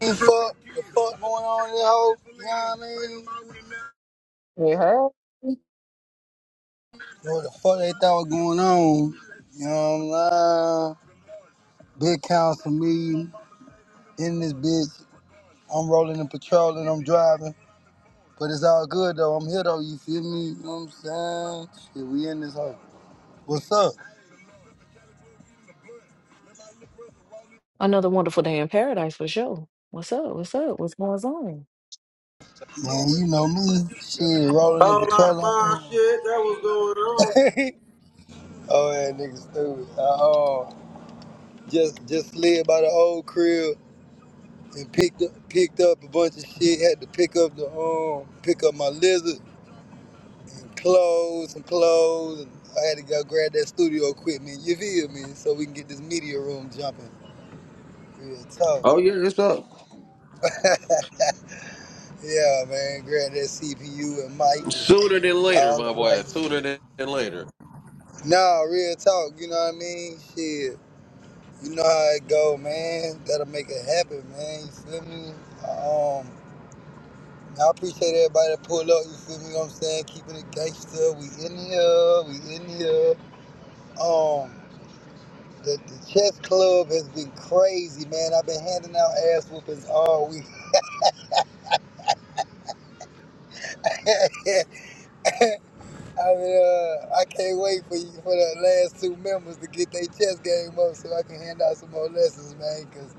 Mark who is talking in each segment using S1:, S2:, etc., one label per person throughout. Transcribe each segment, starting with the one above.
S1: ain't fuck what the fuck going on in that hoe? you know what I mean?
S2: You heard?
S1: What the fuck they thought was going on? You know what I'm saying? Big council meeting in this bitch. I'm rolling and patrolling, I'm driving. But it's all good though. I'm here though, you feel me? You know what I'm saying? Shit, we in this hoe. What's up?
S2: Another wonderful day in paradise for sure. What's up? What's up? What's going on?
S1: Man, you know me. Shit, rolling and
S3: Whole lot of
S1: patrolling.
S3: mob shit that was going on.
S1: oh yeah, nigga stupid. Uh, uh, just just slid by the old crib and picked up, picked up a bunch of shit. Had to pick up the um, pick up my lizard and clothes and clothes. And I had to go grab that studio equipment. You feel me? So we can get this media room jumping. Real talk.
S3: Oh yeah, it's up.
S1: yeah, man. Grab that CPU and mic and
S3: Sooner than later,
S1: all the
S3: my boy.
S1: lights.
S3: Sooner than than later.
S1: Nah, real talk. You know what I mean? Shit. You know how it go, man. Gotta make it happen, man. You feel me? Um, I appreciate everybody that pulled up, you feel me you know what I'm saying? Keeping it gangster. We in here, we in here. Um the, the chess club has been crazy, man. I've been handing out ass whoopings all week. I mean, uh, I can't wait for you for the last two members to get their chess game up so I can hand out some more lessons, man. Cause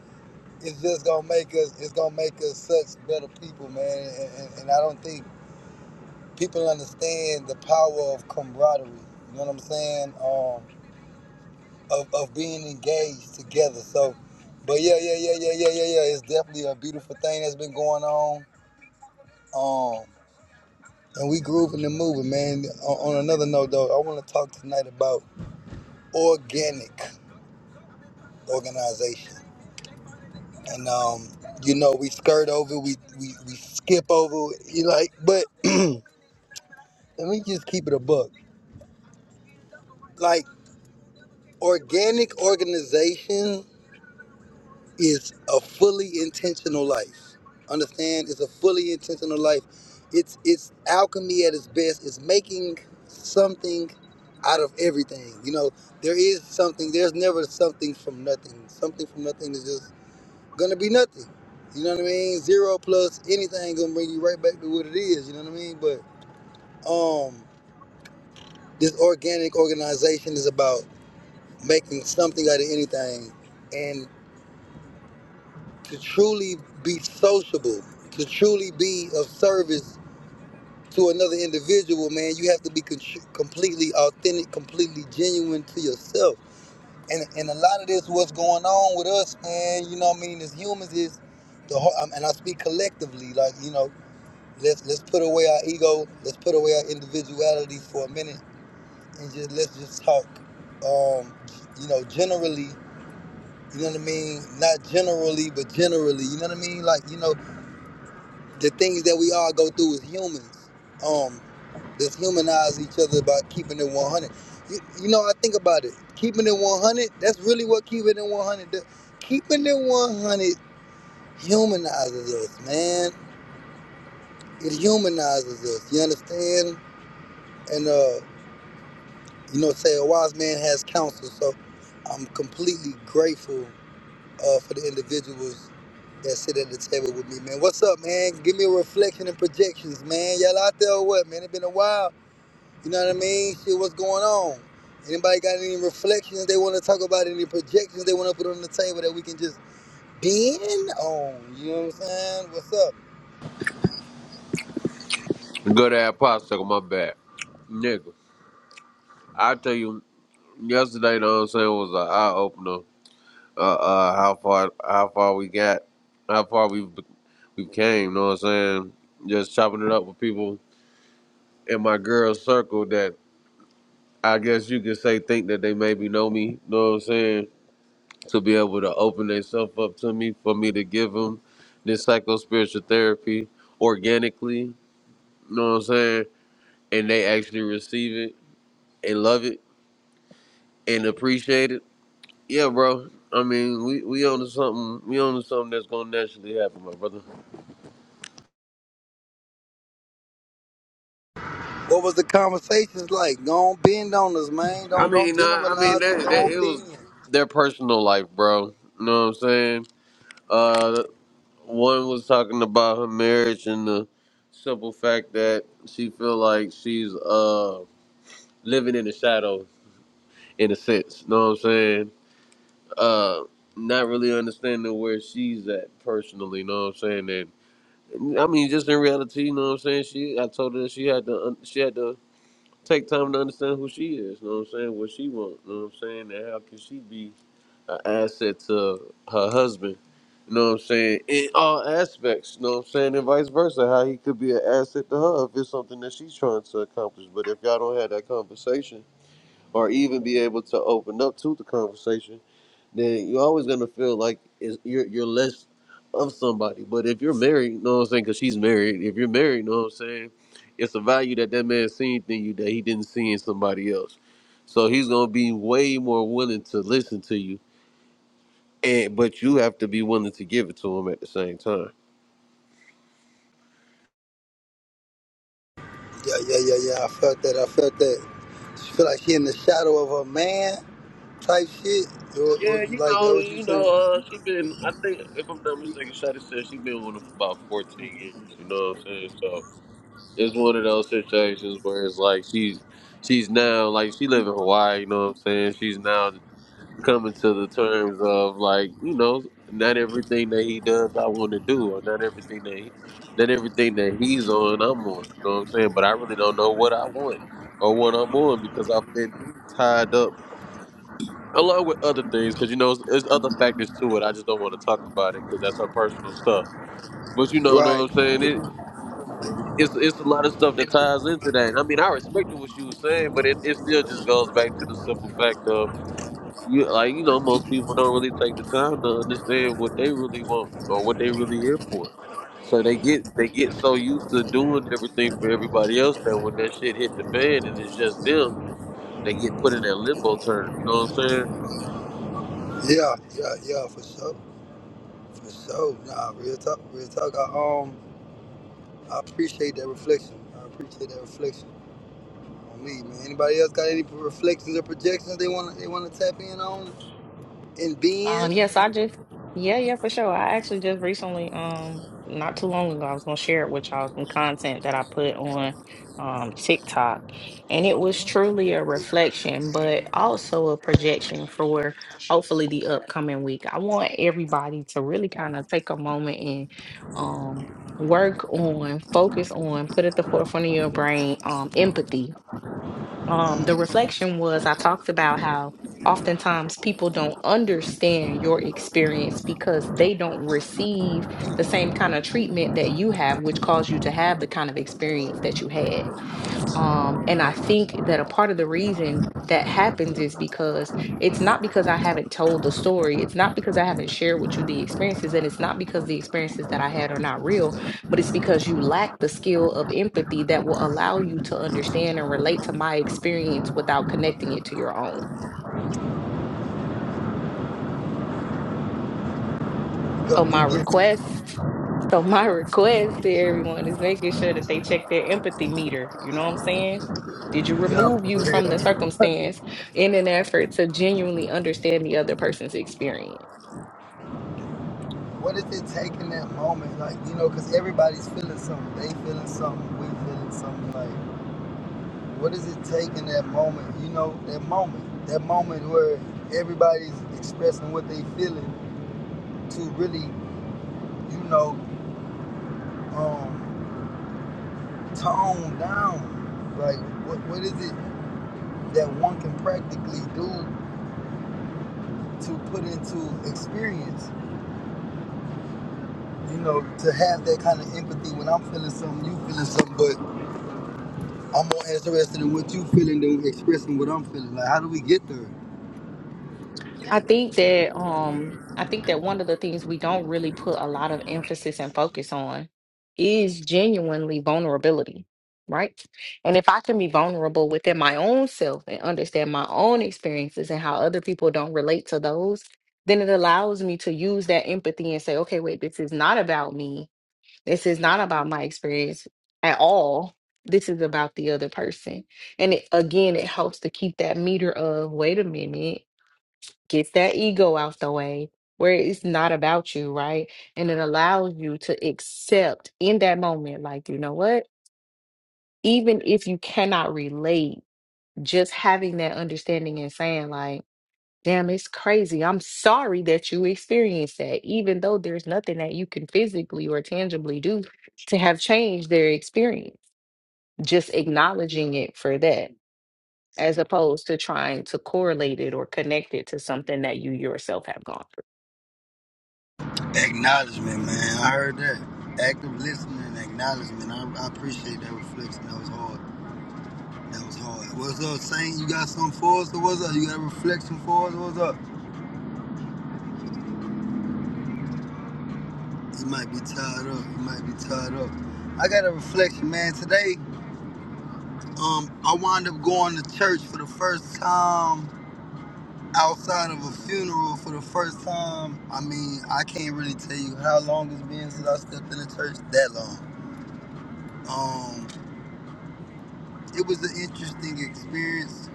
S1: it's just gonna make us, it's gonna make us such better people, man. And, and, and I don't think people understand the power of camaraderie. You know what I'm saying? Um, of, of being engaged together. So, but yeah, yeah, yeah, yeah, yeah, yeah, yeah. It's definitely a beautiful thing that's been going on. Um, and we grooving and moving, man. On, on another note, though, I want to talk tonight about organic organization. And um, you know, we skirt over, we we, we skip over. You like, but let me just keep it a buck. Like organic organization is a fully intentional life. Understand? It's a fully intentional life. It's it's alchemy at its best. It's making something out of everything. You know, there is something. There's never something from nothing. Something from nothing is just gonna be nothing. You know what I mean? Zero plus anything gonna bring you right back to what it is. You know what I mean? But um, this organic organization is about making something out of anything and. to truly be sociable, to truly be of service to another individual, man, you have to be con- completely authentic, completely genuine to yourself. And and a lot of this, what's going on with us, man, you know what I mean, as humans, is the whole, um, and I speak collectively, like you know, let's let's put away our ego, let's put away our individualities for a minute, and just let's just talk, um, you know, generally. You know what I mean? Not generally, but generally. You know what I mean? Like, you know, the things that we all go through as humans. Um, let's humanize each other by keeping it 100. You, you know, I think about it. Keeping it 100, that's really what keeping it 100 does. Keeping it 100 humanizes us, man. It humanizes us, you understand? And, uh, you know, say a wise man has counsel. So I'm completely grateful uh, for the individuals that sit at the table with me, man. What's up, man? Give me a reflection and projections, man. Y'all out there or what, man? It's been a while. You know what I mean? Shit, what's going on? Anybody got any reflections they want to talk about? Any projections they want to put on the table that we can just bend on? You know what I'm saying? What's up?
S3: Good ass popsicle, my bad. Nigga, I tell you, yesterday, know what I'm saying, was an eye opener. Uh, uh, how far, how far we got, how far we we came. Know what I'm saying? Just chopping it up with people in my girl circle that I guess you could say think that they maybe know me. Know what I'm saying? to be able to open themselves up to me for me to give them this psycho spiritual therapy organically. You know what I'm saying? And they actually receive it and love it and appreciate it. Yeah, bro. I mean, we we on to something. We on to something that's gonna naturally happen, my brother.
S1: What was the conversations like? Don't bend on us, man.
S3: I
S1: Don't don't
S3: mean, uh, I mean
S1: generalize
S3: that,
S1: it.
S3: that
S1: Don't
S3: it
S1: bend.
S3: was their personal life, bro. You know what I'm saying? Uh, one was talking about her marriage and the simple fact that she feel like she's uh living in the shadows in a sense. Know what I'm saying? Uh, not really understanding where she's at personally. Know what I'm saying? And I mean, just in reality, you know what I'm saying? She, I told her that she had to, un- she had to take time to understand who she is. Know what I'm saying? What she wants. Know what I'm saying? And how can she be an asset to her husband? You know what I'm saying? In all aspects, you know what I'm saying? And vice versa, how he could be an asset to her if it's something that she's trying to accomplish. But if y'all don't have that conversation, or even be able to open up to the conversation, then you're always gonna feel like it's, you're you're less of somebody. But if you're married, you know what I'm saying? Because she's married. If you're married, you know what I'm saying? It's a value that that man seen in you that he didn't see in somebody else. So he's gonna be way more willing to listen to you, and but you have to be willing to give it to him at the same time.
S1: Yeah, yeah, yeah, yeah. I felt that. I felt that. She feel like she in the shadow of her man type shit. Or, or,
S3: Yeah, you
S1: like
S3: know,
S1: that? What you
S3: you
S1: saying?
S3: know, uh, she been. I think if I'm not mistaken, Shotty said she been with him for about 14 years. You know what I'm saying? So. it's one of those situations where it's like she's she's now like she live in Hawaii, you know what I'm saying? She's now coming to the terms of like, you know, not everything that he does I want to do or not everything that he not everything that he's on I'm on, you know what I'm saying? But I really don't know what I want or what I'm on because I've been tied up along with other things because you know there's other factors to it. I just don't want to talk about it because that's her personal stuff. But you know, know what
S1: Right.
S3: I'm saying? it it's it's a lot of stuff that ties into that. And I mean, I respected what you was saying, but it, it still just goes back to the simple fact of you like you know most people don't really take the time to understand what they really want or what they really here for. So they get they get so used to doing everything for everybody else that when that shit hit the fan and it's just them, they get put in that limbo term. You know what I'm saying?
S1: Yeah, yeah, yeah. For sure. For sure. Nah, real talk. Real talk. I, um. I appreciate that reflection. I appreciate that reflection on me, man. Anybody else got any reflections or projections they want to they want to tap in on and being?
S2: Um, yes, I just yeah, yeah, for sure. I actually just recently, um, not too long ago, I was gonna share it with y'all some content that I put on um TikTok. And it was truly a reflection, but also a projection for hopefully the upcoming week. I want everybody to really kind of take a moment and um work on, focus on, put at the forefront of your brain um empathy um, the reflection was I talked about how oftentimes people don't understand your experience because they don't receive the same kind of treatment that you have, which caused you to have the kind of experience that you had. Um, and I think that a part of the reason that happens is because it's not because I haven't told the story, it's not because I haven't shared with you the experiences, and it's not because the experiences that I had are not real, but it's because you lack the skill of empathy that will allow you to understand and relate to my experience without connecting it to your own.
S1: Go
S2: So my
S1: and get
S2: request, so my request to everyone is making sure that they check their empathy meter. You know what I'm saying? Did you
S1: yeah,
S2: remove
S1: for
S2: you from the
S1: real.
S2: circumstance in an effort to genuinely understand the other person's experience?
S1: What is it taking that moment, like you know, because everybody's feeling something. They feeling something. We feeling something. Like, what is it taking that moment? You know, that moment, that moment where everybody's expressing what they feeling to really, you know, um, tone down. Like, what what is it? that one can practically do to put into experience. You know, to have that kind of empathy when I'm feeling something, you feeling something, but I'm more interested in what you feeling than expressing what I'm feeling. Like, how do we get there?
S2: I think that um I think that one of the things we don't really put a lot of emphasis and focus on is genuinely vulnerability, right? And if I can be vulnerable within my own self and understand my own experiences and how other people don't relate to those, then it allows me to use that empathy and say, okay, wait, this is not about me. This is not about my experience at all. This is about the other person. And it, again, it helps to keep that meter of, wait a minute gets that ego out the way where it's not about you, right? And it allows you to accept in that moment, like, you know what? Even if you cannot relate, just having that understanding and saying, like, damn, it's crazy. I'm sorry that you experienced that, even though there's nothing that you can physically or tangibly do to have changed their experience. Just acknowledging it for that, as opposed to trying to correlate it or connect it to something that you yourself have gone through.
S1: Acknowledgement, man. I heard that. Active listening and acknowledgement. I, I appreciate that reflection. That was hard. That was hard. What's up, Saint? You got something for us or what's up? You got a reflection for us? or What's up? You might be tied up. You might be tied up. I got a reflection, man. Today Um, I wound up going to church for the first time outside of a funeral for the first time. I mean, I can't really tell you how long it's been since I stepped in the church. That long. Um, it was an interesting experience.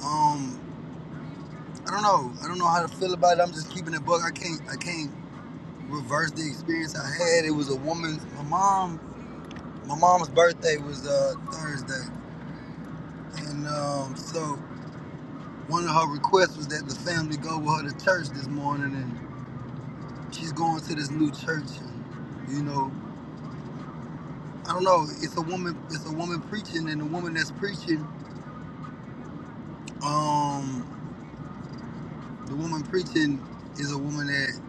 S1: Um, I don't know. I don't know how to feel about it. I'm just keeping it book. I can't. I can't reverse the experience I had. It was a woman. My mom. My mom's birthday was uh, Thursday, and um, so one of her requests was that the family go with her to church this morning and. she's going to this new church and you know i don't know it's a woman it's a woman preaching and the woman that's preaching um the woman preaching is a woman that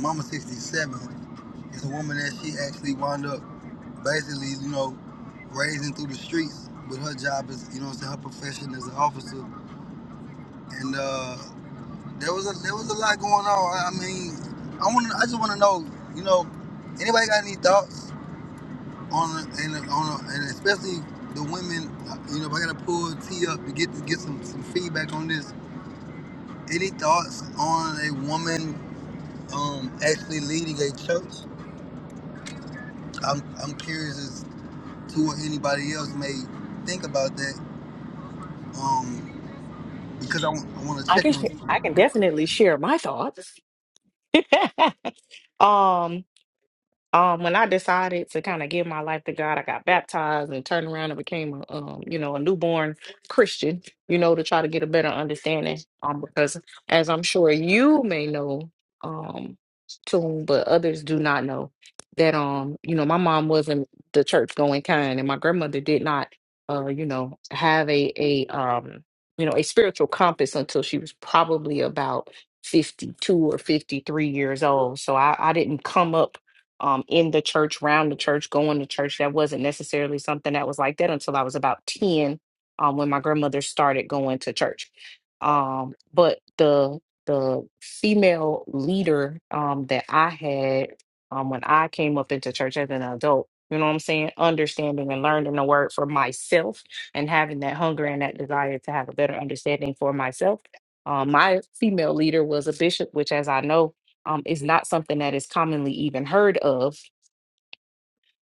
S1: mama 67 It's a woman that she actually wound up basically you know raising through the streets But her job is you know what her profession as an officer and uh there was a there was a lot going on i I mean i want i just want to know you know anybody got any thoughts on a, and a, on a, and especially the women. uh, You know, if I gotta pull T up to get to get some some feedback on this. Any thoughts on a woman um, actually leading a church? I'm I'm curious as to what anybody else may think about that. Um, because I, want to
S2: I can
S1: check
S2: sh-
S1: on
S2: I can definitely share my thoughts. um, um when I decided to kind of give my life to God, I got baptized and turned around and became a um, you know, a newborn Christian, you know, to try to get a better understanding. Um, because as I'm sure you may know, um, too, but others do not know that um, you know, my mom wasn't the church going kind and my grandmother did not uh, you know, have a a um, you know, a spiritual compass until she was probably about 52 or 53 years old. So I, I didn't come up um, in the church, round the church, going to church. That wasn't necessarily something that was like that until I was about 10 um, when my grandmother started going to church. Um, but the the female leader um, that I had um, when I came up into church as an adult, you know what I'm saying? Understanding and learning the word for myself and having that hunger and that desire to have a better understanding for myself. Um, my female leader was a bishop, which, as I know, um, is not something that is commonly even heard of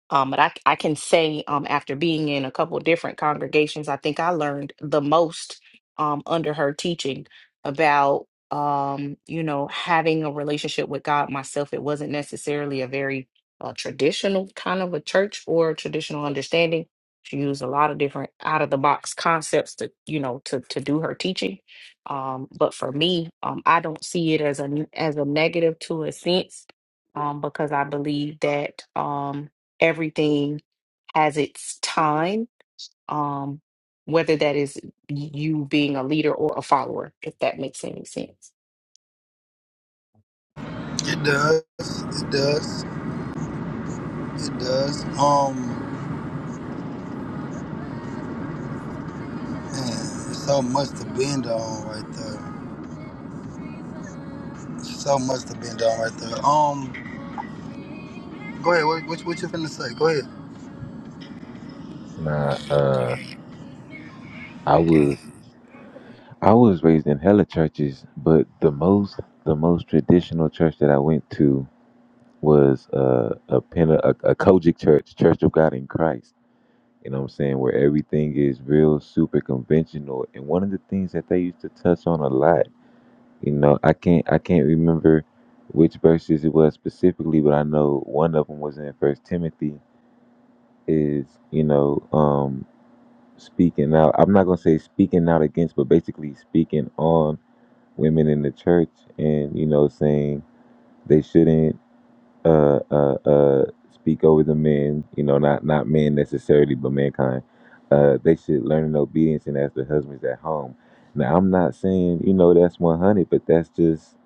S2: um, but I, I can say um, after being in a couple different congregations, I think I learned the most um, under her teaching about, um, you know, having a relationship with God myself. It wasn't necessarily a very uh, traditional kind of a church or traditional understanding. She used a lot of different out of the box concepts to, you know, to to do her teaching. Um, but for me, um, I don't see it as a as a negative to a sense, um, because I believe that. Um, everything has its time, um, whether that is you being a leader or a follower, if that makes any sense.
S1: it. Does it does it does um man, it's so much to bend on right there. So much to bend on right there. Um, go ahead. What what, what you finna say? Go ahead.
S4: Nah, uh, I was I was raised in hella churches, but the most the most traditional church that I went to was uh, a Pente- a, a Kojic church, Church of God in Christ. You know what I'm saying? Where everything is real super conventional. And one of the things that they used to touch on a lot, you know, I can't I can't remember which verses it was specifically, but I know one of them was in First Timothy. Is you know, um. speaking out. I'm not gonna say speaking out against, but basically speaking on women in the church, and you know, saying they shouldn't uh uh uh speak over the men. You know, not not men necessarily, but mankind. Uh, they should learn in obedience, and as the husbands at home. Now, I'm not saying you know that's 100, but that's just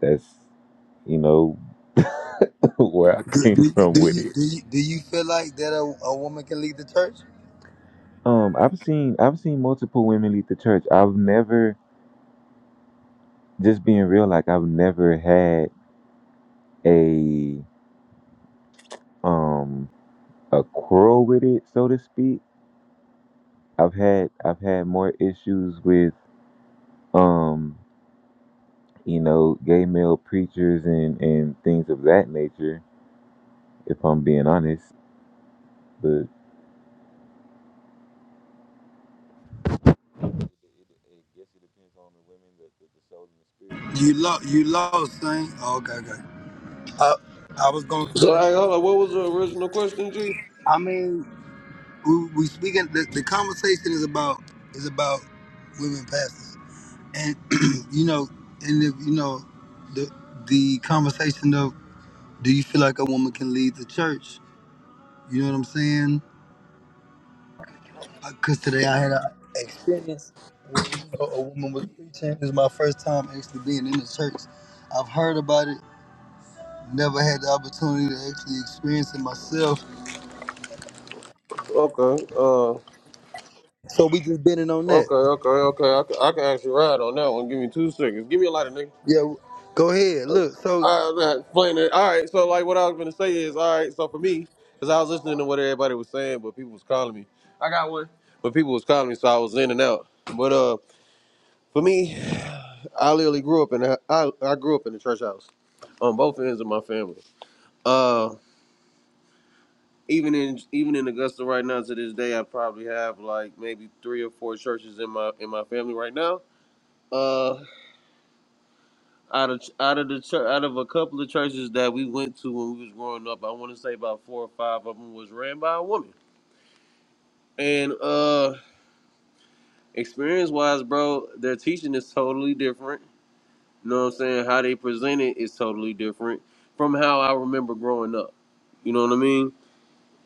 S4: that's you know where I
S1: Do, do
S4: came
S1: you
S4: from
S1: do
S4: with
S1: you
S4: it.
S1: do you do you feel like that a, a woman can lead the church?
S4: Um, I've seen I've seen multiple women lead the church. I've never just being real, like I've never had a um a quarrel with it, so to speak. I've had I've had more issues with um you know gay male preachers and and things of that nature, if I'm being honest. But
S1: You lost. You lost, thing. Oh, okay, okay. Uh, I was gonna
S3: So,
S1: say.
S3: hey, hold on. What was the original question, G?
S1: I mean, we, we speaking. The, the conversation is about is about women pastors, and you know, and if you know, the the conversation of do you feel like a woman can lead the church? You know what I'm saying? Because today I had an experience where you know, a woman was preaching. This is my first time actually being in the church. I've heard about it, never had the opportunity to actually experience it myself.
S3: Okay. Uh.
S1: So we just bending on that.
S3: Okay. Okay. Okay. I can, I can actually ride on that one. Give me two seconds. Give me a lighter, nigga.
S1: Yeah, w- go ahead. Look, so
S3: I'm not explaining it. All right, so like what I was gonna say is, all right, so for me, because I was listening to what everybody was saying, but people was calling me. I got one. But people was calling me, so I was in and out. But uh, for me, I literally grew up in a, I, I grew up in the church house, on both ends of my family. Uh, even in even in Augusta right now to this day, I probably have like maybe three or four churches in my in my family right now. Uh. out of out of the chur out of a couple of churches that we went to when we was growing up. I want to say about four or five of them was ran by a woman. And uh, experience wise, bro, their teaching is totally different. You know what I'm saying? How they present it is totally different from how I remember growing up. You know what I mean?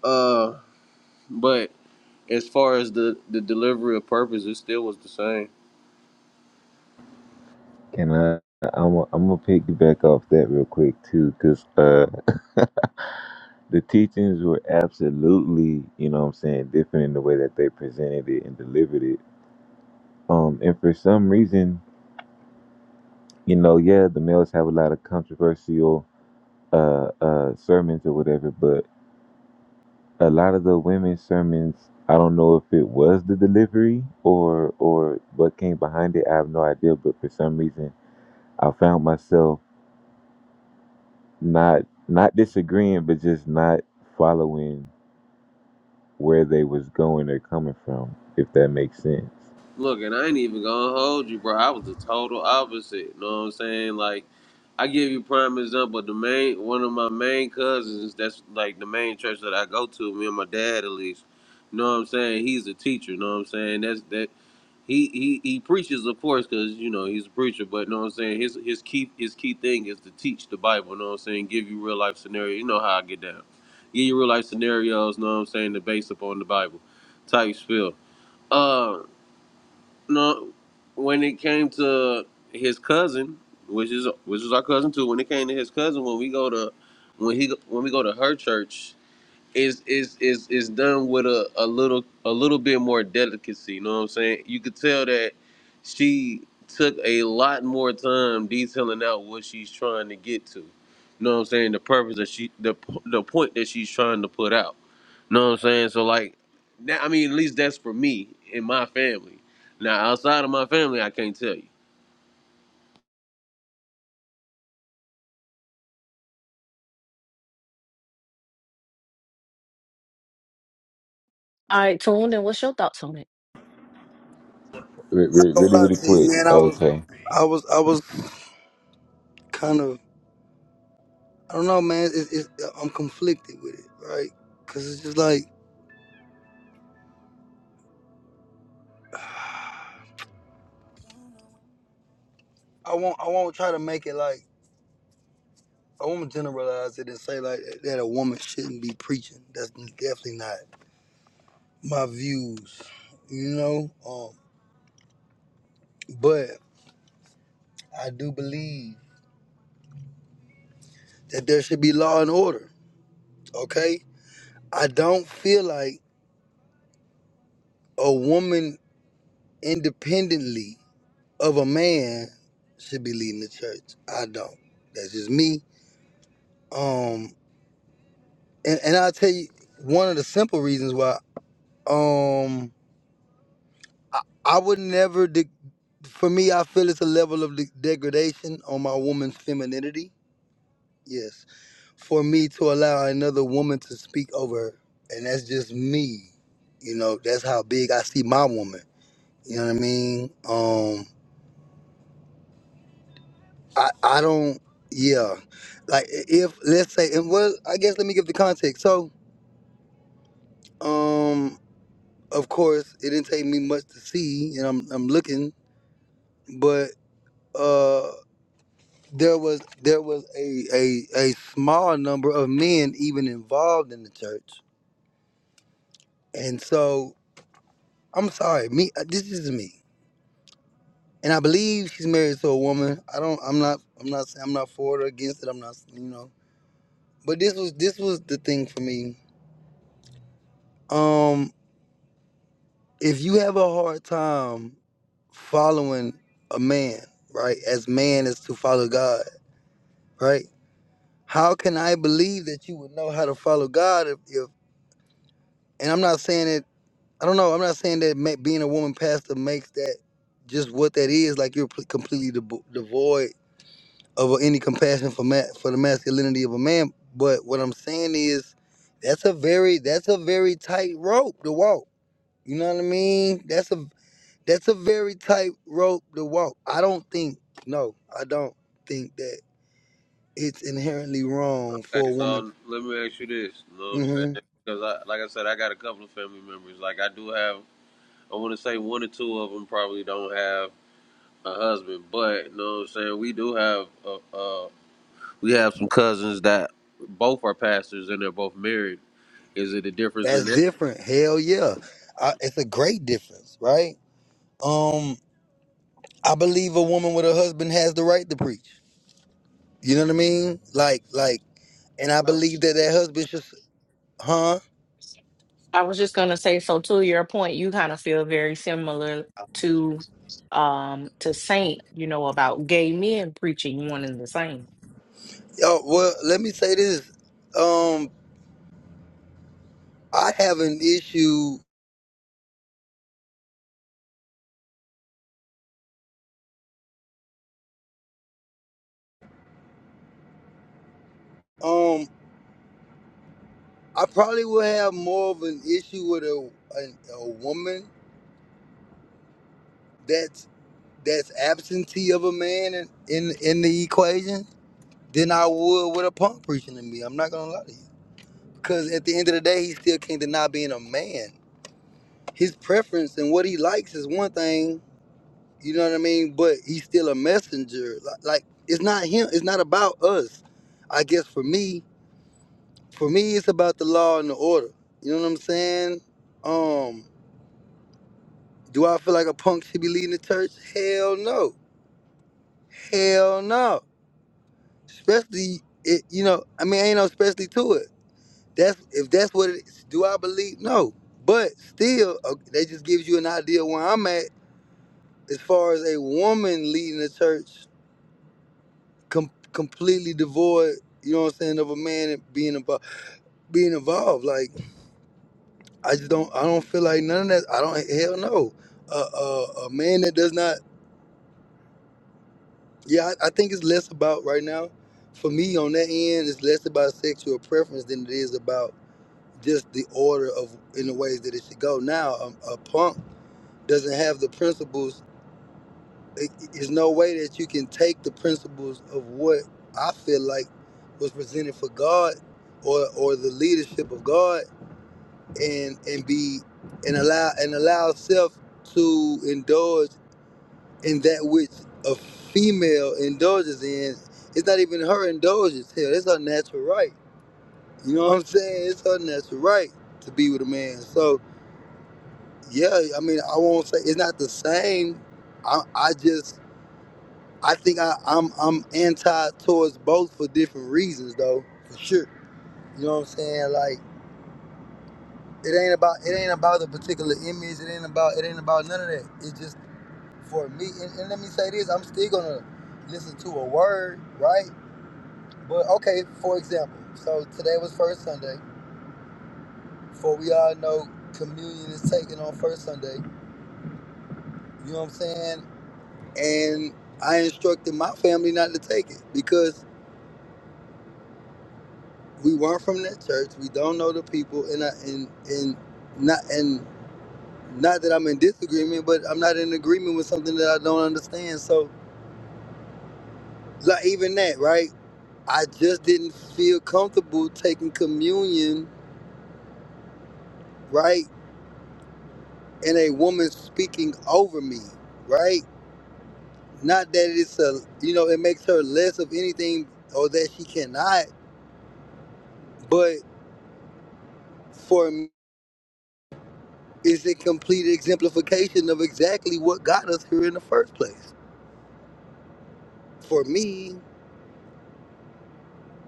S3: Uh, but as far as the the delivery of purpose, it still was the same.
S4: can I? I'm i I'm gonna piggyback off that real quick too, cause uh the teachings were absolutely, you know what I'm saying, different in the way that they presented it and delivered it. Um, and for some reason, you know, yeah, the males have a lot of controversial uh, uh, sermons or whatever, but a lot of the women's sermons, I don't know if it was the delivery or or what came behind it. I have no idea, but for some reason, I found myself not not disagreeing, but just not following where they was going or coming from, if that makes sense.
S3: Look, and I ain't even gonna hold you, bro. I was the total opposite. You know what I'm saying? Like, I give you prime example. The main one of my main cousins, that's like the main church that I go to. Me and my dad, at least. You know what I'm saying? He's a teacher. You know what I'm saying? That's that. He he he preaches, of course, because you know he's a preacher. But you know what I'm saying? His his key his key thing is to teach the Bible. You know what I'm saying? Give you real life scenario. You know how I get down. Give you real life scenarios. You know what I'm saying? To base upon the Bible, type spill. Um. No, when it came to his cousin, which is which is our cousin too. When it came to his cousin, when we go to when he when we go to her church, is is is is done with a, a little a little bit more delicacy, you know what I'm saying? You could tell that she took a lot more time detailing out what she's trying to get to. You know what I'm saying? The purpose that she the the point that she's trying to put out. You know what I'm saying? So like now I mean at least that's for me in my family. Now outside of my family I can't tell you.
S2: All right, Tune, and what's your thoughts on it?
S4: Re-
S1: not
S4: re-
S1: gonna
S4: really,
S1: lie
S4: really
S1: to you,
S4: quick.
S1: man. I was,
S4: Okay.
S1: I was, I was kind of, I don't know, man. It's, it's, I'm conflicted with it, right? Because it's just like I won't, I won't try to make it like I won't generalize it and say like that a woman shouldn't be preaching. That's definitely not. my views, you know. Um, but I do believe that there should be law and order. Okay, I don't feel like a woman independently of a man should be leading the church. I don't. That's just me. Um, and and I'll tell you one of the simple reasons why. Um, I, I would never. De- for me, I feel it's a level of de- degradation on my woman's femininity. Yes for me to allow another woman to speak over her. And that's just me. You know, that's how big I see my woman. You know what I mean? Um I I don't yeah. Like if let's say and well I guess let me give the context. So, um of course it didn't take me much to see and I'm I'm looking, but uh there was there was a a, a small number of men even involved in the church. And so I'm sorry, me this is me. and I believe she's married to a woman. I don't. I'm not. I'm not saying I'm not for it or against it. I'm not. You know. But this was this was the thing for me. Um, if you have a hard time following a man, right, as man is to follow God, right? How can I believe that you would know how to follow God if, if and I'm not saying that. I don't know. I'm not saying that ma- being a woman pastor makes that just what that is. Like you're pl- completely devo- devoid of any compassion for ma- for the masculinity of a man. But what I'm saying is, that's a very that's a very tight rope to walk. You know what I mean? That's a that's a very tight rope to walk. I don't think no, I don't think that it's inherently wrong for
S3: Okay,
S1: a woman.
S3: so let me ask you this, you know what I'm
S1: hmm
S3: saying? Because I, like I said, I got a couple of family members. Like I do have I want to say one or two of them probably don't have a husband, but you know what I'm saying. We do have uh, uh we have some cousins that both are pastors and they're both married. Is it a difference in
S1: That's
S3: that?
S1: different. Hell yeah, I, it's a great difference, right? Um, I believe a woman with a husband has the right to preach. You know what I mean? Like like, and I believe that that husband should, huh?
S2: I was just gonna say, so to your point, you kind of feel very similar to um to Saint, you know, about gay men preaching one and the same.
S1: Oh well, let me say this. Um, I have an issue. Um, I probably will have more of an issue with a a, a woman that's that's absentee of a man in, in in the equation than I would with a punk preaching to me. I'm not gonna lie to you, because at the end of the day, he still can't deny being a man. His preference and what he likes is one thing. You know what I mean? But he's still a messenger. Like, like it's not him. It's not about us. I guess for me. For me, it's about the law and the order. You know what I'm saying? Um, do I feel like a punk should be leading the church? Hell no. Hell no. Especially, it, you know, I mean, ain't no especially to it. That's if that's what it is. Do I believe? No. But still, uh, that just gives you an idea where I'm at as far as a woman leading the church, com- completely devoid. You know what I'm saying? Of a man being involved, being involved. Like. I just don't. I don't feel like none of that. I don't. Hell no. A a a man that does not. Yeah, I, I think it's less about right now. For me, on that end, it's less about sexual preference than it is about just the order of in the ways that it should go. Now, a, a punk doesn't have the principles. It, it's no way that you can take the principles of what I feel like was presented for God, or or the leadership of God and and be and allow and allow self to indulge in that which a female indulges in. It's not even her indulgence. Hell, it's her natural right. You know what I'm saying? It's her natural right to be with a man. So yeah, I mean, I won't say it's not the same. I, I just I think I, I'm I'm anti towards both for different reasons though, for sure. You know what I'm saying? Like it ain't about it ain't about the particular image. It ain't about it ain't about none of that. It's just for me, and, and let me say this, I'm still gonna listen to a word, right? But okay, for example, so today was first Sunday. For we all know communion is taken on first Sunday. You know what I'm saying? And I instructed my family not to take it because we weren't from that church. We don't know the people, and I, and and not and not that I'm in disagreement, but I'm not in agreement with something that I don't understand. So like even that, right? I just didn't feel comfortable taking communion, right? And a woman speaking over me, right? Not that it's a, you know, it makes her less of anything or that she cannot, but for me, it's a complete exemplification of exactly what got us here in the first place. For me,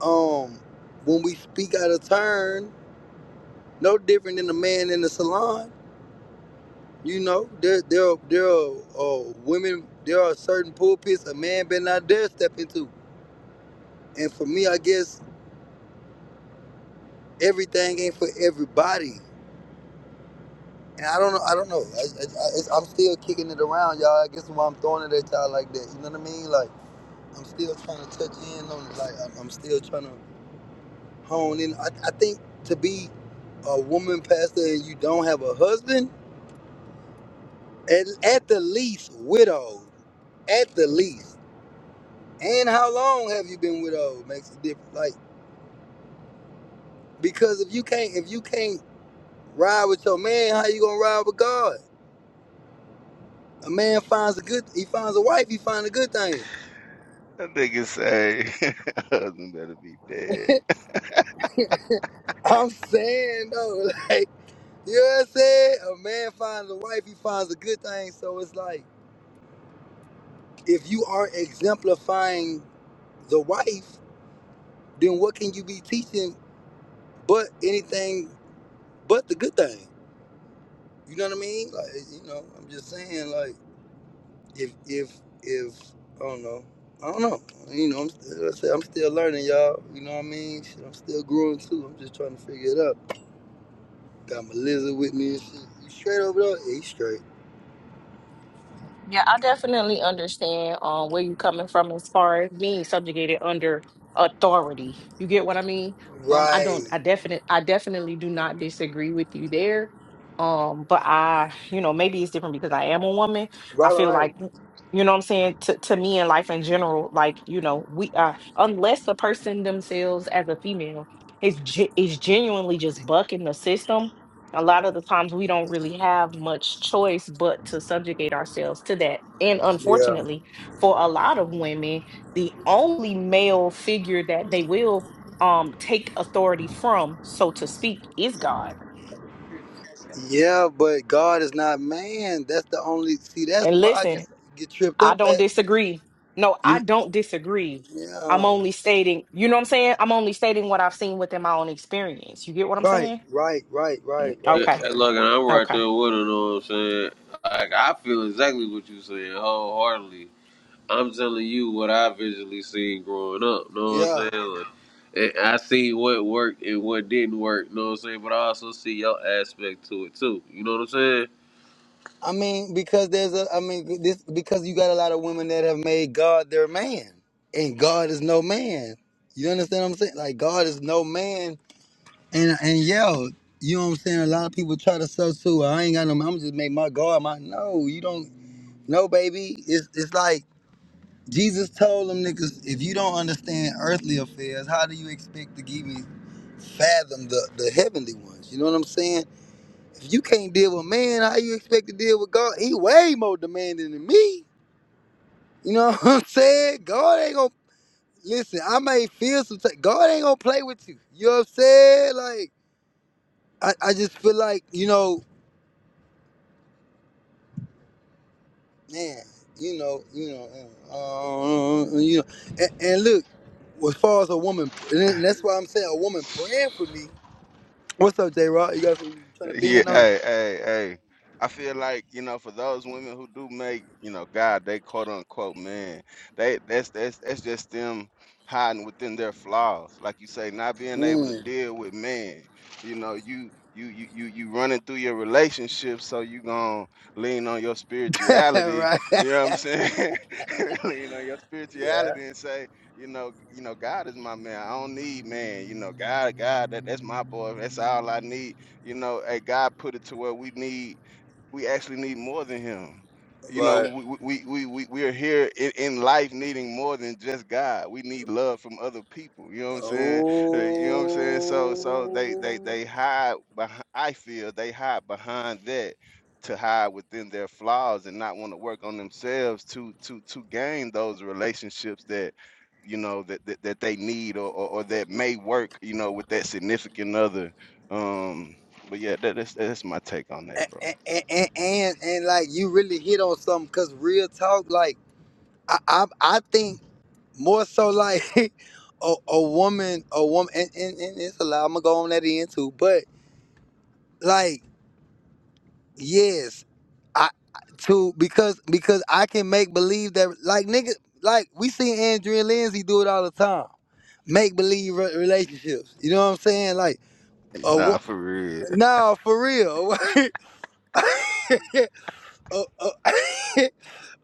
S1: um, when we speak out of turn, no different than a man in the salon, You know, there there are, there are uh, women. There are certain pulpits a man better not dare step into. And for me, I guess everything ain't for everybody. And I don't know. I don't know. I, I, I, it's- I'm still kicking it around, y'all. I guess why I'm throwing it at y'all like that. You know what I mean? Like I'm still trying to touch in on it. Like I'm, I'm still trying to hone in. I, I think to be a woman pastor and you don't have a husband, at, at the least widowed. At the least. and how long have you been widowed makes a difference. Like because if you can't if you can't ride with your man, how you gonna ride with God? A man finds a good he finds a wife, he finds a good thing.
S5: That nigga say, husband better be dead.
S1: I'm saying though, like you know what I'm saying? A man finds a wife, he finds a good thing. So it's like if you aren't exemplifying the wife, then what can you be teaching but anything but the good thing? You know what I mean? Like you know, I'm just saying like if if if I don't know, I don't know. You know, I'm, like I said, I'm still learning, y'all. You know what I mean? Shit, I'm still growing too. I'm just trying to figure it out. Got my lizard with me and shit. You straight over there? Yeah, he straight.
S2: Yeah, I definitely understand um where you're coming from as far as being subjugated under authority. You get what I mean? Um, I
S1: Right.
S2: don't I definite I definitely do not disagree with you there. Um, but I, you know, maybe it's different because I am a woman. I
S1: Right,
S2: feel
S1: right, right.
S2: like mm, you know what I'm saying to to me in life in general, like, you know, we uh unless the person themselves as a female is ge- is genuinely just bucking the system a lot of the times we don't really have much choice but to subjugate ourselves to that. And
S1: Yeah.
S2: unfortunately, for a lot of women, the only male figure that they will um take authority from, so to speak, is God.
S1: Yeah, but God is not man. That's the only. See, that's
S2: And
S1: where I get
S2: listen,
S1: get tripped
S2: I
S1: up
S2: don't
S1: at.
S2: disagree. No, I
S1: You.
S2: don't disagree. I'm
S1: Yeah.
S2: only stating, you know what I'm saying? I'm only stating what I've seen within my own experience. You get what I'm
S1: Right.
S2: saying?
S1: Right. Right.
S2: Mm,
S1: Right.
S3: Yeah,
S1: Right.
S2: Okay.
S3: and
S1: Right.
S3: look, and I'm right
S2: Okay.
S3: there with it. Know what I'm saying? Like I feel exactly what you're saying wholeheartedly. I'm telling you what I visually seen growing up. Know what I'm
S1: Yeah.
S3: saying? Like, and I see what worked and what didn't work. Know what I'm saying? But I also see your aspect to it too. You know what I'm saying?
S1: I mean, because there's a, I mean, this because you got a lot of women that have made God their man, and God is no man. You understand what I'm saying? Like God is no man, and and yo, you know what I'm saying? A lot of people try to sell to. I ain't got no. I'm just make my God my. No, you don't. No, baby. It's it's like Jesus told them niggas, if you don't understand earthly affairs, how do you expect to give me fathom the the heavenly ones? You know what I'm saying? If you can't deal with man, how you expect to deal with God? He way more demanding than me. You know what I'm saying? God ain't gonna listen. I may feel some. type- God ain't gonna play with you. You know what I'm saying? Like I, I just feel like you know, man. You know, you know, uh, uh, you know. And, and look, as far as a woman, and that's why I'm saying a woman praying for me. What's up, J. Rod? You guys trying to be
S5: Yeah,
S1: in on? it?
S5: hey, hey, hey. I feel like, you know, for those women who do make, you know, God, they quote unquote man, they that's that's that's just them hiding within their flaws. Like you say, not being able to
S1: Mm.
S5: deal with man. You know, you you you you you running through your relationship so you gonna lean on your spirituality,
S1: right.
S5: you know what I'm saying? lean on your
S1: Yeah.
S5: spirituality and say, you know, you know, God is my man. I don't need man, you know, God, God, that, that's my boy, that's all I need you know, hey, God put it to where we need, we actually need more than Him. You know,
S1: Right.
S5: we we we we, we are here in, in life needing more than just God. We need love from other people. You know what I'm saying? Uh, You know what I'm saying? So
S1: Oh,
S5: so they they they hide. Behind, I feel they hide behind that to hide within their flaws and not want to work on themselves to to to gain those relationships that you know that that, that they need or, or or that may work you know with that significant other um but yeah, that, that's that's my take on that,
S1: and
S5: bro.
S1: and, and, and and, like you really hit on something because real talk, like I, I I think more so like a, a woman, a woman, and, and, and it's a lot. I'm gonna go on that end too, but like yes, I to because because I can make believe that like nigga like we see Andrea Lindsay do it all the time, make believe relationships. You know what I'm saying? Like a
S5: Nah,
S1: wo-
S5: for real,
S1: nah, for real. a, a,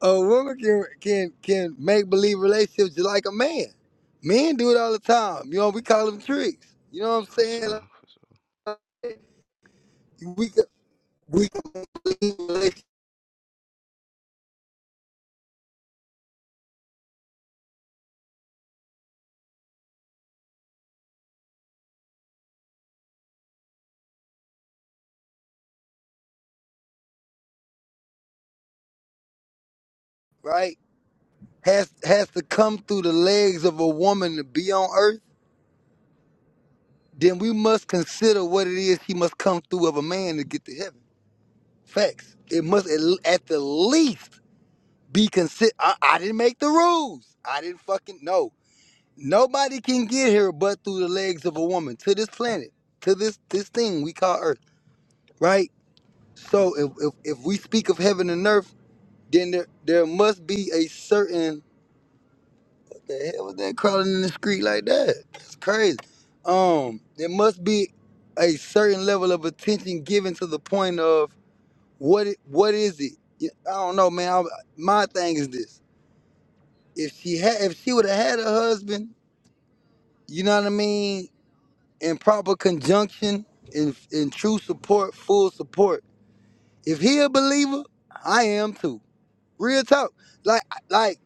S1: a woman can can can make believe relationships just like a man. Men do it all the time. You know, we call them tricks. You know what I'm
S5: for
S1: saying?
S5: sure.
S1: Like, we could- we could leave relationship, right has has to come through the legs of a woman to be on earth. Then we must consider what it is he must come through of a man to get to heaven. Facts. It must at, at the least be consider. I, I didn't make the rules. I didn't fucking know. Nobody can get here but through the legs of a woman to this planet, to this this thing we call Earth, right? So if if, if we speak of heaven and earth, then there there must be a certain what the hell was that crawling in the street like that? That's crazy. Um, there must be a certain level of attention given to the point of what it, what is it? Yeah, I don't know, man. I, my thing is this: if she had, if she would have had a husband, you know what I mean? in proper conjunction, in in true support, full support. If he a believer, I am too. Real talk. Like like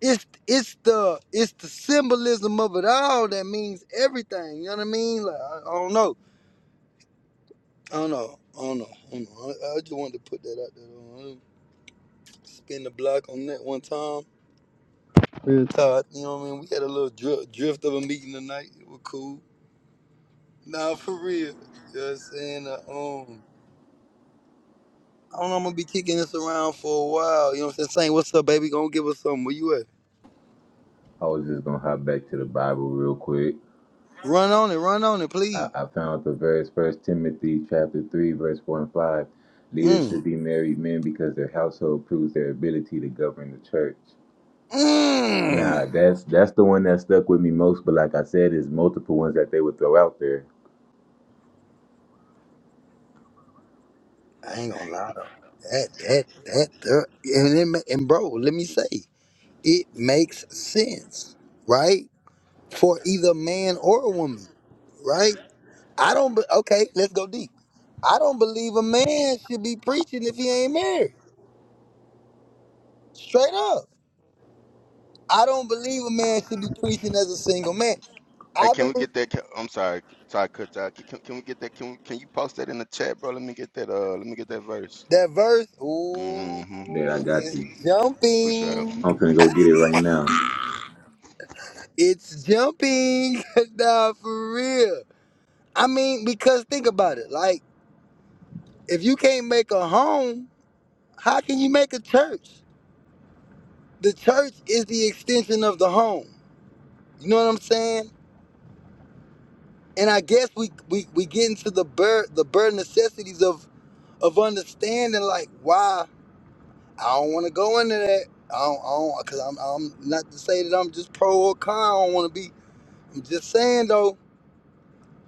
S1: it's it's the it's the symbolism of it all that means everything. You know what I mean? Like I, I don't know. I don't know. I don't know. I, don't know. I, I just wanted to put that out there. though. I didn't Spin the block on that one time. Real talk. You know what I mean? We had a little drift, drift of a meeting tonight. It was cool. Nah, for real. You know what I'm saying? Uh, um, I don't know. I'm gonna be kicking this around for a while. You know what I'm saying? Saying, what's up, baby? Gonna give us something. Where you at?
S4: I was just gonna hop back to the Bible real quick.
S1: Run on it, run on it,
S4: I,
S1: please.
S4: I found the verse First Timothy chapter three, verse four and five. Leaders
S1: Mm.
S4: should be married men because their household proves their ability to govern the church.
S1: Mm.
S4: Nah, that's that's the one that stuck with me most. But like I said, there's multiple ones that they would throw out there.
S1: I ain't gonna lie though. That that that the and it, ma- and bro, let me say, it makes sense, right? For either man or a woman, right? I don't. Be, okay, let's go deep. I don't believe a man should be preaching if he ain't married. Straight up. I don't believe a man should be preaching as a single man.
S5: Hey,
S1: I
S5: can we
S1: believe.
S5: get that? ca- I'm sorry, sorry, cut you out. Can, can can we get that? Can we, can you post that in the chat, bro? Let me get that. Uh, let me get that verse.
S1: That verse,
S5: Mm-hmm.
S4: That I
S1: ooh,
S4: got
S1: it's
S4: you.
S5: Push out.
S1: jumping.
S4: I'm gonna go get it right now.
S1: It's jumping. nah, for real. I mean, because think about it. Like, if you can't make a home, how can you make a church? The church is the extension of the home. You know what I'm saying? And I guess we we, we get into the bur the bare necessities of of understanding like why I don't want to go into that. I don't, I don't, cause I'm, I'm not to say that I'm just pro or con. I don't want to be. I'm just saying though,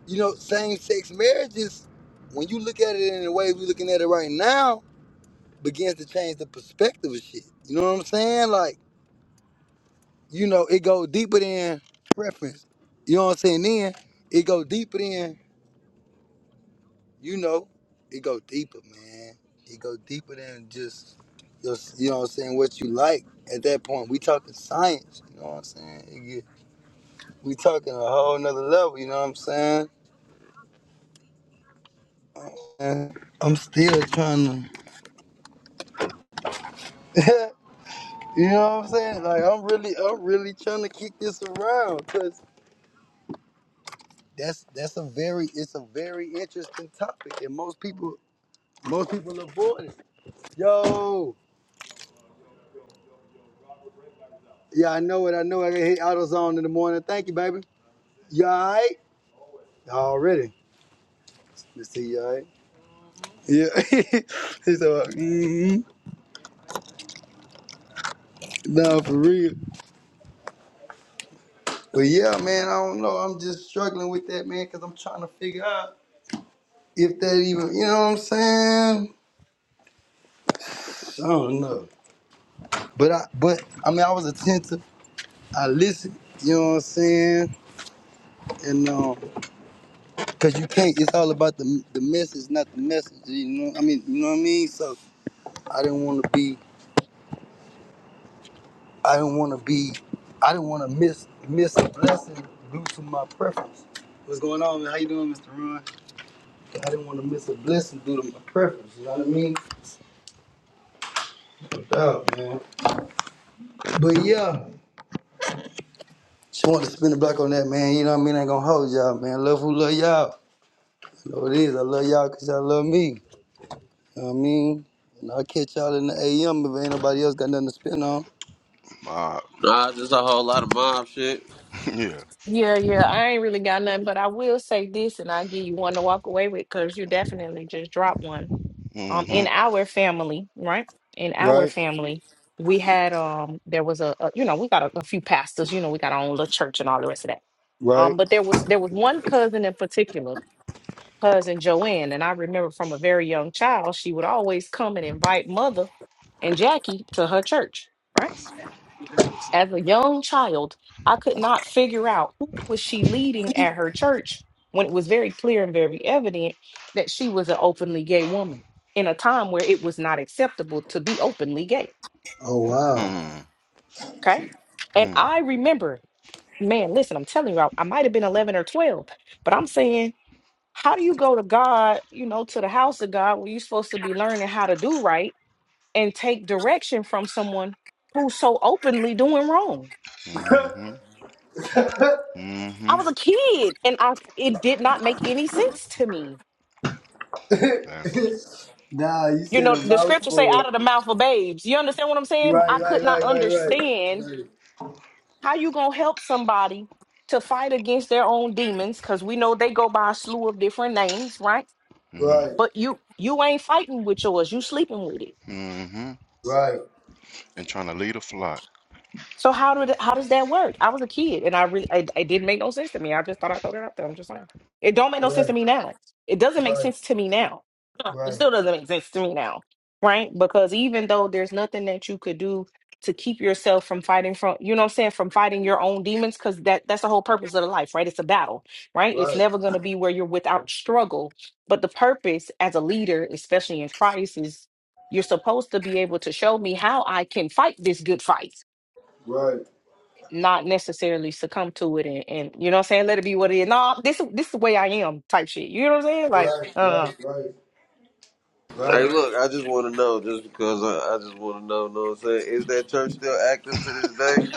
S1: you know, same sex marriages, when you look at it in the way we're looking at it right now, begins to change the perspective of shit. You know what I'm saying? Like, you know, it goes deeper than preference. You know what I'm saying? Then it go deeper than, you know, it go deeper, man. It go deeper than just your, you know what I'm saying, what you like at that point. We talking science, you know what I'm saying? It get, we talking a whole nother level, you know what I'm saying? And I'm still trying to you know what I'm saying? Like I'm really, I'm really trying to kick this around because that's that's a very, it's a very interesting topic, and most people, most people avoid it. Yo, yeah, I know it. I know it. I can hit AutoZone in the morning. Thank you, baby. You all right? Already. Let's see you all right. Yeah. so, mm-hmm. no, for real. But yeah, man, I don't know. I'm just struggling with that, man, because I'm trying to figure out if that even, you know what I'm saying? I don't know. But I but I mean I was attentive. I listened, you know what I'm saying? And um cause you can't it's all about the the message, not the message, you know. I mean, you know what I mean? So I didn't wanna be I didn't wanna be I didn't wanna miss miss a blessing due to my preference. What's going on, man? How you doing, Mr. Ron? I didn't want to miss a blessing due to my preference, you know what I mean? No doubt, man. But yeah, just wanted to spin the block on that, man. You know what I mean? I ain't gonna hold y'all, man. Love who love y'all. You know what it is. I love y'all because y'all love me. You know what I mean? And I'll catch y'all in the AM if ain't nobody else got nothing to spin on.
S5: Uh,
S3: Nah, just a whole lot of mob shit.
S5: yeah.
S2: Yeah, yeah. I ain't really got nothing, but I will say this, and I'll give you one to walk away with because you definitely just dropped one. Um, in
S5: Mm-hmm.
S2: our family, right? In our
S1: Right,
S2: family, we had um, there was a, a you know, we got a, a few pastors. You know, we got our own little church and all the rest of that. Um,
S1: right.
S2: but there was there was one cousin in particular cousin Joanne. And I remember from a very young child, she would always come and invite mother and Jackie to her church, right? As a young child, I could not figure out who was she leading at her church when it was very clear and very evident that she was an openly gay woman in a time where it was not acceptable to be openly gay.
S1: Oh, wow.
S5: Mm-hmm.
S2: Okay. And I remember, man, listen, I'm telling you, I, I might have been 11 or 12, but I'm saying how do you go to God, you know, to the house of God where you're supposed to be learning how to do right and take direction from someone who's so openly doing wrong?
S5: Mm-hmm.
S2: I
S5: Mm-hmm.
S2: was a kid and I it did not make any sense to me.
S1: nah, you
S2: You
S1: said a
S2: know, the scriptures say
S1: mouthful.
S2: out of the mouth of babes. You understand what I'm saying?
S1: Right,
S2: I
S1: right,
S2: could not
S1: right,
S5: Mm-hmm.
S1: right, right.
S2: understand how you gonna help somebody to fight against their own demons, because we know they go by a slew of different names, right?
S1: Right,
S5: Mm-hmm.
S2: But you you ain't fighting with yours, you sleeping with it
S5: Mm-hmm.
S1: right,
S5: And trying to lead a flock.
S2: So how did how does that work? I was a kid and I really it, it didn't make no sense to me. I just thought I'd throw that out there. I'm just saying. It don't make no sense
S1: right,
S2: to me now. It doesn't
S1: right,
S2: make
S1: right,
S2: sense to me now. No, It
S1: right,
S2: still doesn't make sense to me now. Right? Because even though there's nothing that you could do to keep yourself from fighting from you know what I'm saying, from fighting your own demons, because that that's the whole purpose of the life, right? It's a battle, right? It's
S1: right, right,
S2: never gonna be where you're without struggle. But the purpose as a leader, especially in Christ, is you're supposed to be able to show me how I can fight this good fight not necessarily succumb to it and, and you know what I'm saying, let it be what it is. No, this this is the way I am type shit. You know what I'm saying? Like,
S1: right,
S2: uh
S1: right, right,
S3: Hey,
S1: right.
S3: look, I just want to know, just because I, I just want to know, know what I'm saying? Is that church still active to this day?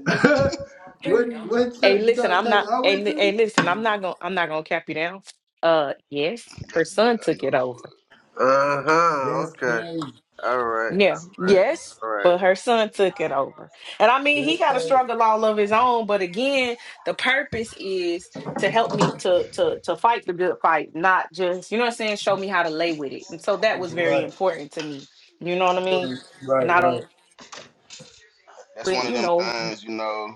S1: what
S2: hey
S1: what church? You
S2: listen,
S1: go to
S2: I'm
S1: church
S2: not
S1: I
S2: and
S1: went
S2: hey, li- hey,
S1: to?
S2: listen, I'm not gonna I'm not gonna cap you down. Uh yes, her
S5: That's good.
S2: son
S5: I
S2: took
S5: knew
S2: it
S5: it
S2: over.
S5: would.
S3: Uh huh.
S1: That's
S3: Okay.
S1: crazy.
S3: All right.
S2: Yeah, yes,
S3: All right.
S2: but her son took it over. And I mean, he
S1: That's
S2: got a
S1: crazy.
S2: struggle all of his own, but again, the purpose is to help me to to to fight the good fight, not just, you know what I'm saying, show me how to lay with it. And so that was very
S1: Right,
S2: important to me. You know what I
S1: right,
S2: mean? And
S1: right,
S2: I don't,
S1: right,
S5: That's one of
S2: you
S5: them
S2: know,
S5: things, you know.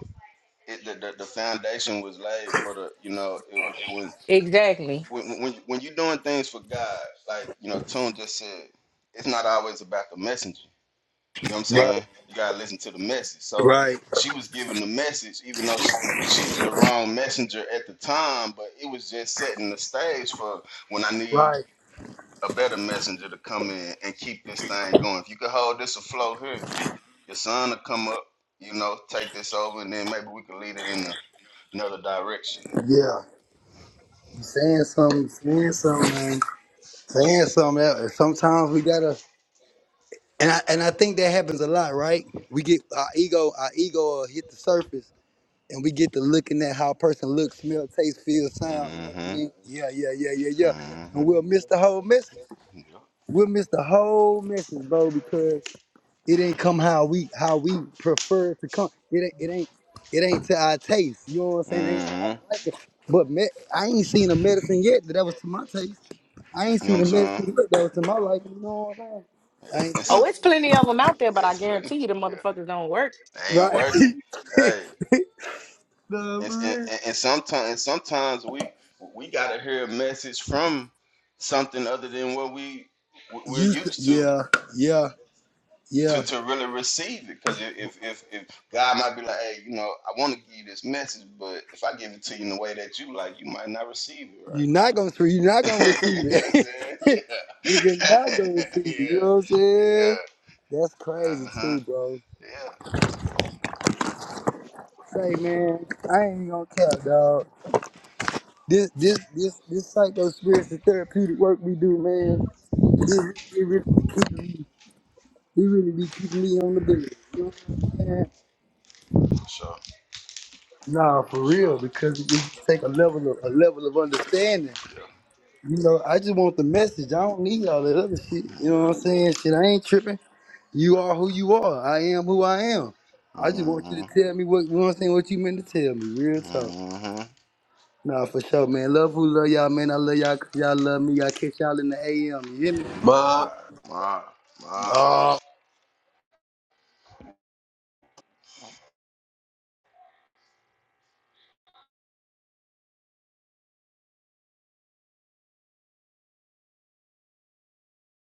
S5: It the, the, the foundation was laid for the, you know, it, when
S2: exactly.
S5: when when when you're doing things for God, like you know, Tune just said, it's not always about the messenger. You know what I'm
S1: Right,
S5: saying? You gotta listen to the message. So
S1: right.
S5: she was giving the message, even though she she was the wrong messenger at the time, but it was just setting the stage for when I need.
S1: Right.
S5: a better messenger to come in and keep this thing going. If you could hold this afloat here, your son will come up, you know, take this over, and then maybe we could lead it in a, another direction.
S1: Yeah. Saying something, saying something, man. Saying something. else. Sometimes we gotta, and I, and I think that happens a lot, right? We get our ego, our ego will hit the surface, and we get to looking at how a person looks, smell, taste, feel, sound. You know what
S5: Mm-hmm.
S1: I mean? Yeah, yeah, yeah, yeah, yeah. And
S5: Mm-hmm.
S1: we'll miss the whole message.
S5: Yeah.
S1: We'll miss the whole message, bro, because It ain't come how we how we prefer it to come. It ain't it ain't it ain't to our taste. You know what I'm saying? It ain't to our
S5: Mm-hmm.
S1: liking. But me, I ain't seen a medicine yet that, that was to my taste. I ain't
S5: You know what
S1: seen
S5: I'm
S1: a
S5: saying?
S1: medicine yet that was to my liking. You know
S5: Yeah.
S1: what I'm saying? I
S5: And
S1: ain't
S5: some,
S2: Oh,
S1: seen
S2: it's plenty of them out there, but I
S5: it's plenty.
S2: guarantee you the
S5: Yeah.
S2: motherfuckers don't work
S1: it.
S5: They ain't working.
S1: right.
S5: Hey.
S1: no,
S5: And,
S1: for
S5: and,
S1: real.
S5: and, sometimes and sometimes we we gotta hear a message from something other than what we we're
S1: You s-
S5: used to.
S1: yeah yeah
S5: to,
S1: yeah.
S5: to really receive it. Because if, if if God might be like, hey, you know, I want to give you this message, but if I give it to you in the way that you like, you might not receive it right.
S1: You're not gonna see- you're not gonna receive
S5: you know what I'm
S1: it.
S5: saying?
S1: Nigga not gonna
S5: Yeah.
S1: receive it. You know what I'm
S5: yeah.
S1: saying?
S5: Yeah.
S1: That's crazy
S5: Uh huh.
S1: too, bro.
S5: Yeah.
S1: say, man, I ain't even gonna cap, dog. This this this this psycho spiritual therapeutic work we do, man, it, it really keeping me, it really be keeping me on the bed. You know what I'm saying?
S5: For Sure.
S1: Nah, for
S5: for Sure.
S1: real, because it it just take a level of a level of understanding.
S5: Yeah.
S1: You know, I just want the message. I don't need all that other shit. You know
S5: Yeah.
S1: what I'm saying? Shit, I ain't tripping. You are
S5: Yeah.
S1: who you are. I am who I am. I just
S5: Mm
S1: want you
S5: hmm.
S1: to tell me what you know what I'm saying, what you meant to tell me, real talk.
S5: Mm hmm. All
S1: Nah, for sure, man. Love who love y'all, man. I love y'all 'cause y'all love me. Y'all catch y'all in the AM. You hear me?
S3: All right.
S5: right. Ma. Ma.